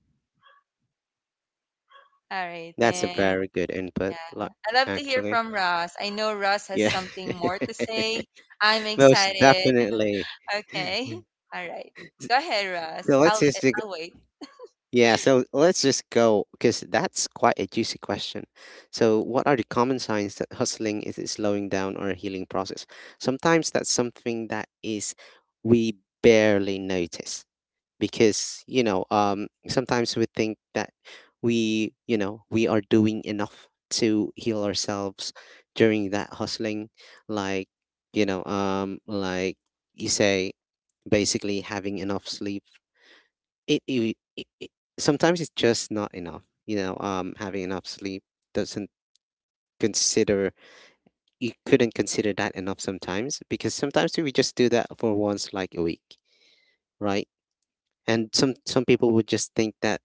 All right, That's a then. very Yeah, good input, like, I love to hear actually. from Ross. I know Ross has Yeah, something more to say. I'm most excited. definitely. Okay. All right. Go ahead, Ross. So let's i'll just dig- I'll wait. yeah. So let's just go because that's quite a juicy question. So what are the common signs that hustling is a slowing down or a healing process? Sometimes that's something that is we barely notice, because, you know um sometimes we think that we you know we are doing enough to heal ourselves during that hustling. Like, you know um like you say, basically having enough sleep, it, it, it, it sometimes it's just not enough. You know um having enough sleep doesn't consider— you couldn't consider that enough sometimes, because sometimes we just do that for once like a week, right? And some some people would just think that,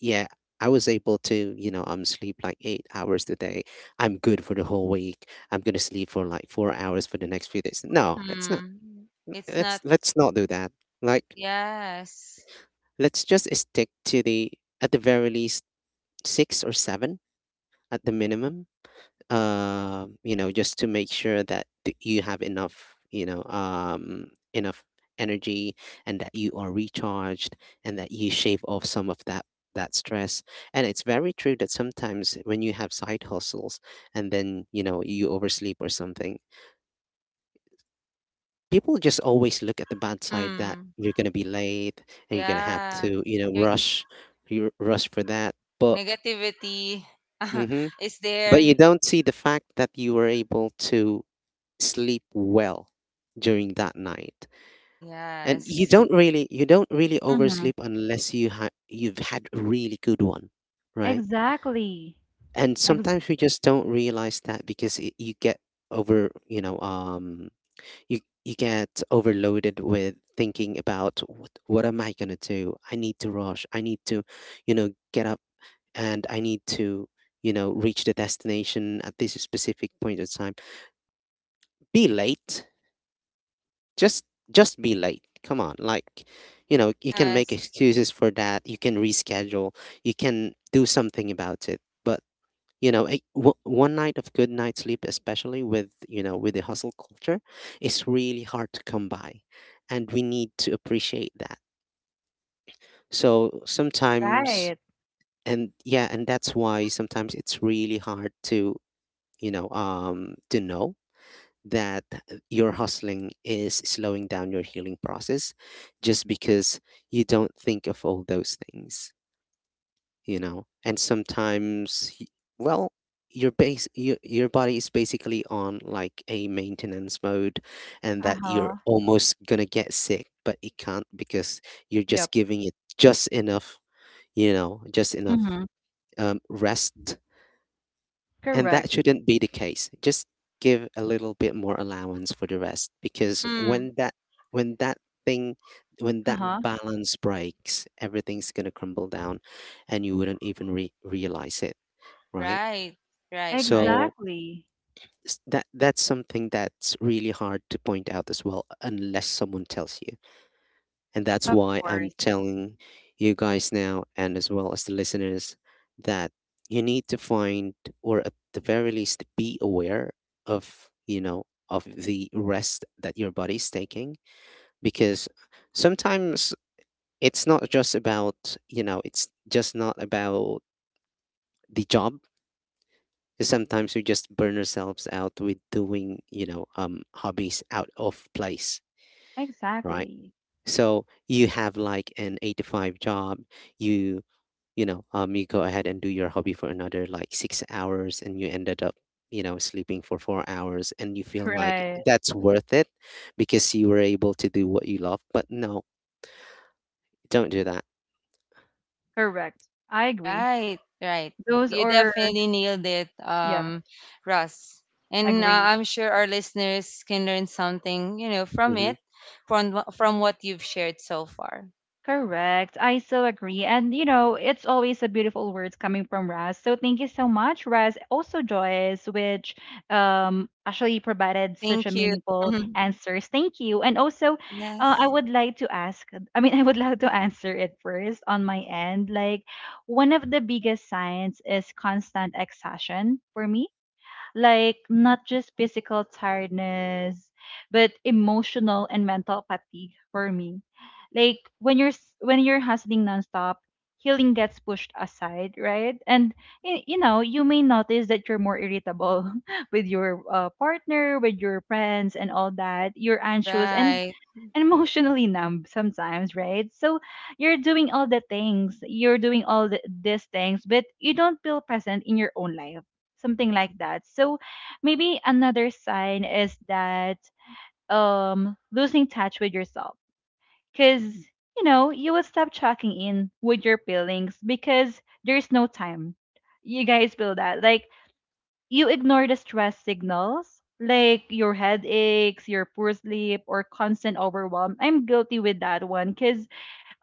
yeah, I was able to, you know I'm sleep like eight hours a day, I'm good for the whole week, I'm gonna sleep for like four hours for the next few days. No, that's not— Mm. It's let's not. let's not do that. Like, Yes. let's just stick to the— at the very least, six or seven at the minimum, um, you know, just to make sure that th- you have enough, you know, um, enough energy, and that you are recharged, and that you shave off some of that that stress. And it's very true that sometimes when you have side hustles and then, you know, you oversleep or something, people just always look at the bad side that Mm. you're going to be late, and you're going to have Yeah. to, you know, Your rush you rush for that. But negativity mhm, is but you there. don't see the fact that you were able to sleep well during that night, and you Yes. don't really you don't really Mm-hmm. oversleep unless you ha- you've had a really good one, right? Exactly. And Ex- sometimes we just don't realize that because it, you get over you know um you you get overloaded with thinking about what, what am I going to do. I need to rush, I need to, you know get up, and I need to, you know reach the destination at this specific point of time. Be late, just just be late, come on. Like, you know you can make Yes. excuses for that, you can reschedule, you can do something about it. But, you know a, w- one night of good night sleep, especially with you know with the hustle culture, is really hard to come by, and we need to appreciate that. so sometimes right. and yeah and that's why sometimes it's really hard to, you know um to know that your hustling is slowing down your healing process, just because you don't think of all those things. You know and sometimes y- well, your base your, your body is basically on like a maintenance mode, and Uh that you're huh. almost gonna get sick but it can't, because you're just Yep. giving it just enough, you know just enough, Mhm. um, rest. And that Correct. shouldn't be the case. Just give a little bit more allowance for the rest, because Mm. when that when that thing when that Uh-huh. balance breaks, everything's going to crumble down, and you wouldn't even re- realize it, right? Right. Right, right. So Exactly. s- that that's something that's really hard to point out as well, unless someone tells you. And that's Of why I'm course. telling you guys now, and as well as the listeners, that you need to find— or at the very least, be aware of, you know, of the rest that your body's taking. Because sometimes it's not just about, you know, it's just not about the job. Sometimes we just burn ourselves out with doing, you know, um, hobbies out of place, right? Exactly. So you have like an eight to five job, you you know, um, you go ahead and do your hobby for another like six hours, and you ended up, you know, sleeping for four hours, and you feel like Right. that's worth it because you were able to do what you love. But no, don't do that. Correct. I agree. Right, right. Those You are, definitely nailed it, yeah, um, Russ. And uh, agree. I'm sure our listeners can learn something, you know, from hmm it, from wh- from what you've shared so far. Correct. I so agree. And you know, it's always a beautiful words coming from Raz. So thank you so much, Raz. Also Joyce, which um actually provided such a Thank you. meaningful answers. Thank you. And also uh, I Yes. would like to ask I mean I would like to answer it first on my end. Like one of the biggest signs is constant exhaustion for me, like not just physical tiredness, but emotional and mental fatigue for me. Like when you're s- when you're hustling nonstop, healing gets pushed aside, right? And y- you know, you may notice that you're more irritable with your uh, partner, with your friends, and all that. You're anxious, and Right. and emotionally numb sometimes, right? So you're doing all the things, you're doing all the, these things, but you don't feel present in your own life, something like that. So maybe another sign is that um losing touch with yourself, because you know you will stop checking in with your feelings because there's no time. You guys feel that, like you ignore the stress signals like your headaches, your poor sleep, or constant overwhelm. I'm guilty with that one because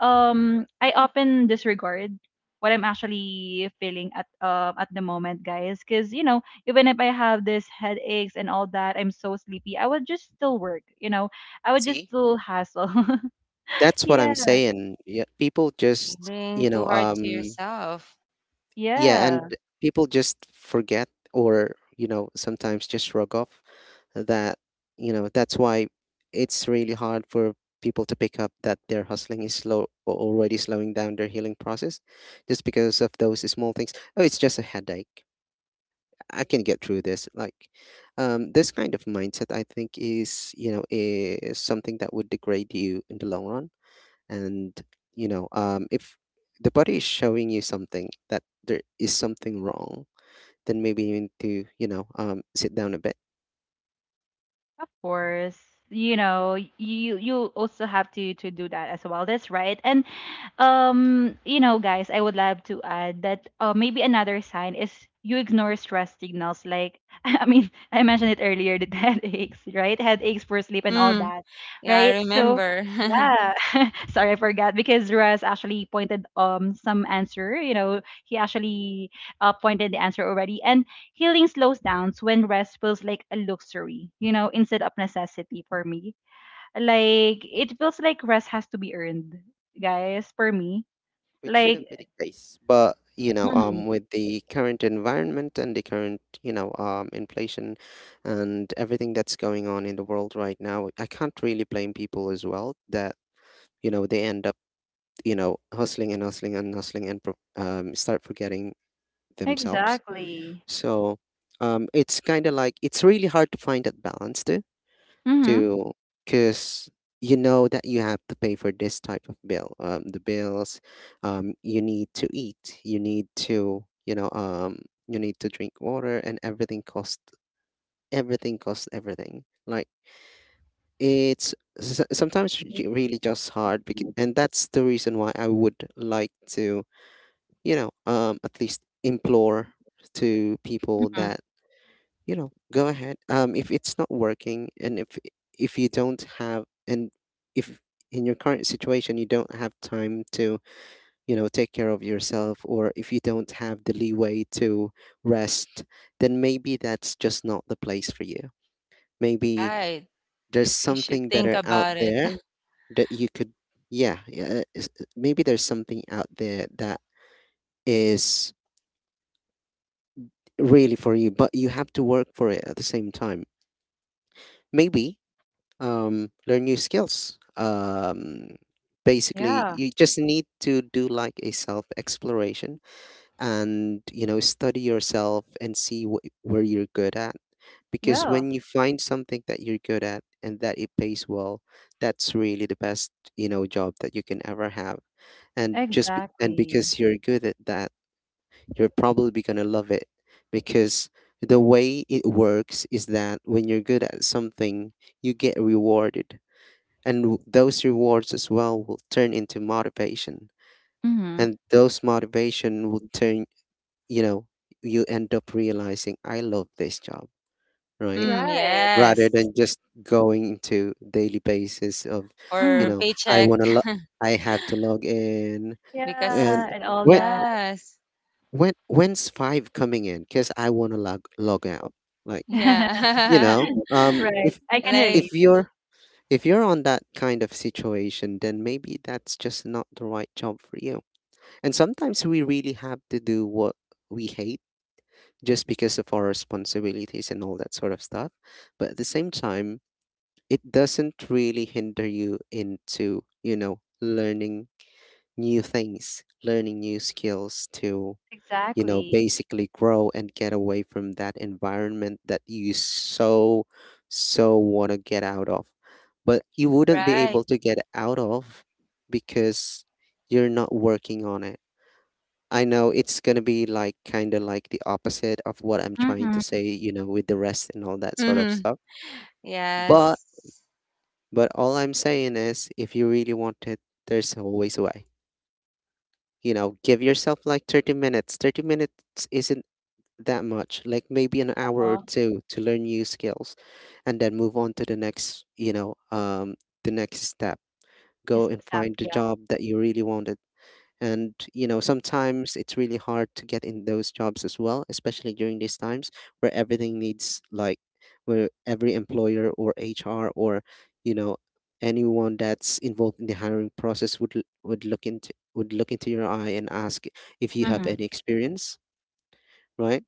um I often disregard what I'm actually feeling at um at the moment, guys. Because you know even if I have this headaches and all that, I'm so sleepy. I would just still work. You know, I would just See, still hustle. that's what I'm Yeah. saying. Yeah, people just, Bring you too know, hard to um, yourself. yeah, and Yeah, people just forget or, you know, sometimes just shrug off that, you know, that's why it's really hard for people to pick up that their hustling is slow or already slowing down their healing process, just because of those small things. Oh, it's just a headache, I can get through this. Like, um, this kind of mindset, I think, is, you know, is something that would degrade you in the long run. And, you know um if the body is showing you something that there is something wrong, then maybe you need to, you know um sit down a bit. of course. You know, you you also have to to do that as well. That's right. And um you know guys I would love to add that, uh, maybe another sign is you ignore stress signals like I mean I mentioned it earlier the headaches, right? Headaches for sleep and all Mm. that, Yeah, I right? So remember. yeah, sorry I forgot because Russ actually pointed um some answer. You know, he actually uh, pointed the answer already. And healing slows down when rest feels like a luxury, you know, instead of necessity for me. Like it feels like rest has to be earned, guys, for me. Which Like shouldn't be the case, but, you know Mhm. um with the current environment and the current, you know um inflation and everything that's going on in the world right now, I can't really blame people as well, that, you know they end up, you know hustling and hustling and hustling, and pro- um, start forgetting themselves. Exactly. So, um, it's kind of like it's really hard to find that balance too, Mm-hmm. to because, you know that you have to pay for this type of bill, um, the bills, um, you need to eat, you need to, you know, um, you need to drink water, and everything costs, everything costs everything. Like, it's s- sometimes j- really just hard, because— and that's the reason why I would like to, you know, um, at least implore to people Hmm. that, you know go ahead. Um if it's not working, and if if you don't have, and if in your current situation you don't have time to, you know take care of yourself, or if you don't have the leeway to rest, then maybe that's just not the place for you. Maybe Right. there's You should something think better about out it. there that you could yeah, yeah is- maybe there's something out there that is really for you, but you have to work for it at the same time. Maybe, um, learn new skills. Um, basically, Yeah. you just need to do like a self exploration, and, you know study yourself and see wh- where you're good at. Because Yeah. when you find something that you're good at and that it pays well, that's really the best, you know job that you can ever have. And just— be- and Exactly. because you're good at that, you're probably gonna love it, because the way it works is that when you're good at something, you get rewarded, and w- those rewards as well will turn into motivation, Mm-hmm. and those motivation will turn you know you end up realizing, I love this job, right? Mm, Right. Rather yes. than just going into daily basis of, you Or Mm-hmm. know i paycheck want to lo- i have to log in, and because Yeah, and all when that. yes. when when's five coming in because I want to log log out. Like, you Yeah. know um Right. if I can Like if relate. you're If you're on that kind of situation, then maybe that's just not the right job for you. And sometimes we really have to do what we hate just because of our responsibilities and all that sort of stuff. But at the same time, it doesn't really hinder you into, you know, learning new things, learning new skills to, you know, Exactly. basically grow and get away from that environment that you so, so want to get out of. But you wouldn't be right. able to get out of because you're not working on it. I know it's going to be like kind of like the opposite of what I'm trying to Mm-hmm. say, you know, with the rest and all that sort of Mm-hmm. stuff. But, Yes. but all I'm saying is if you really want it, there's always a way. You know, give yourself like thirty minutes. thirty minutes isn't that much, like maybe an hour or Oh, two to learn new skills, and then move on to the next, you know, um, the next step. it's Go and sap. find the Yeah. job that you really wanted. And, you know, sometimes it's really hard to get in those jobs as well, especially during these times where everything needs, like, where every employer or H R or, you know, anyone that's involved in the hiring process, would l- would look into would look into your eye and ask if you have Mm-hmm. any experience, right?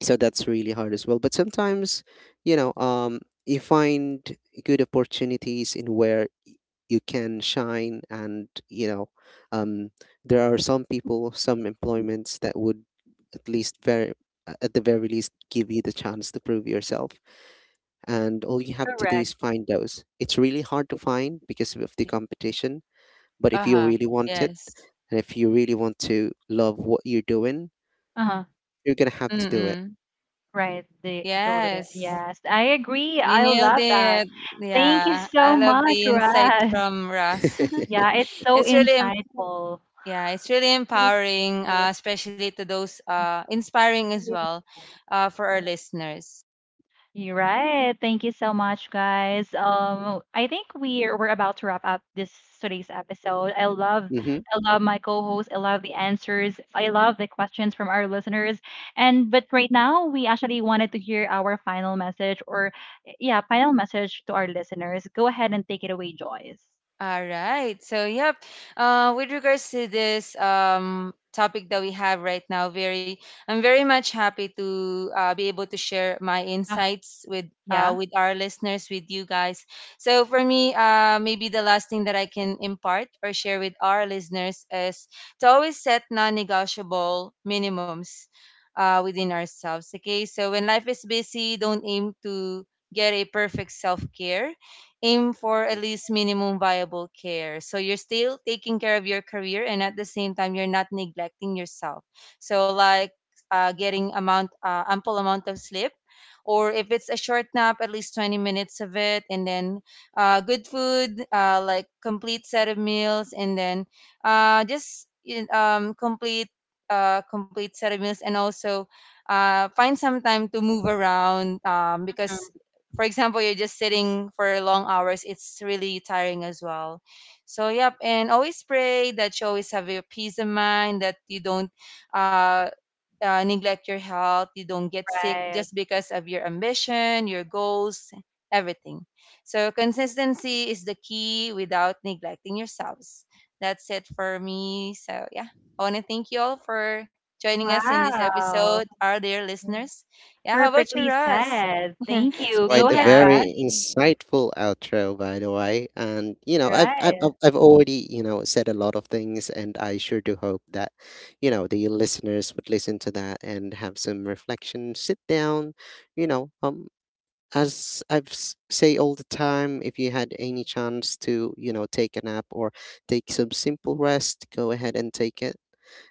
So that's really hard as well, but sometimes, you know um you find good opportunities in where y- you can shine. And, you know um there are some people some employments that would, at least— very a- at the very least, give you the chance to prove yourself, and all you have to do Correct. is find those. It's really hard to find because of the competition, but if you Uh-huh. really want it, Yes. and if you really want to love what you're doing, Uh-huh. you're gonna have to do it. Mm-mm. Right. The deal with it. Yes. Yes. I agree. You I nailed love that. it. Thank you Yeah. so I love much, the insight Russ. from Russ. Yeah, it's so It's really. insightful. Yeah, it's really empowering, uh, especially to those uh, inspiring as well uh, for our listeners. You're right. Thank you so much, guys. Um, I think we're we're about to wrap up this today's episode. I love, hmm I love my co-host. I love the answers. I love the questions from our listeners. And but right now, we actually wanted to hear our final message, or yeah, final message to our listeners. Go ahead and take it away, Joyce. All right. So, yep. Uh, with regards to this um, topic that we have right now, very, I'm very much happy to uh, be able to share my Ah, insights with, uh, yeah. with our listeners, with you guys. So, for me, uh, maybe the last thing that I can impart or share with our listeners is to always set non-negotiable minimums uh, within ourselves. Okay. So, when life is busy, don't aim to get a perfect self care, aim for at least minimum viable care. So you're still taking care of your career and at the same time you're not neglecting yourself. So like, uh, getting amount uh, ample amount of sleep, or if it's a short nap, at least twenty minutes of it, and then uh, good food, uh, like complete set of meals, and then uh, just in- um, complete uh, complete set of meals, and also uh, find some time to move around, um, because Um, for example, you're just sitting for long hours, it's really tiring as well. So, yep, and always pray that you always have your peace of mind, that you don't, uh, uh, neglect your health, you don't get sick Right. just because of your ambition, your goals, everything. So, consistency is the key without neglecting yourselves. That's it for me. So, yeah, I want to thank you all for joining us in this episode, Wow. our dear listeners. Yeah, how about you, Perfectly Russ? said. Thank That's you. Go quite Thank a you, ahead, Russ. very Abby. insightful outro, by the way. And, you know, I've Right. I've I've I've already, you know said a lot of things, and I sure do hope that, you know the listeners would listen to that and have some reflection. Sit down, you know. Um, as I've s- say all the time, if you had any chance to, you know take a nap or take some simple rest, go ahead and take it.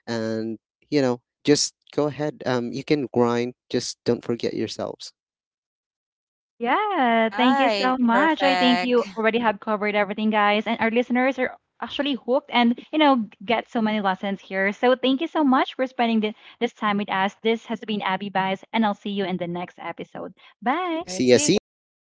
And, you know just go ahead, um you can grind, just don't forget yourselves. Yeah, thank you Right, so much. I think you perfect. already have covered everything, guys, and our listeners are actually hooked and you know get so many lessons here. So thank you so much for spending thi- this time with us. This has been Abby Bias, and I'll see you in the next episode. Bye. All right, See ya, see you see ya. guys. Thanks.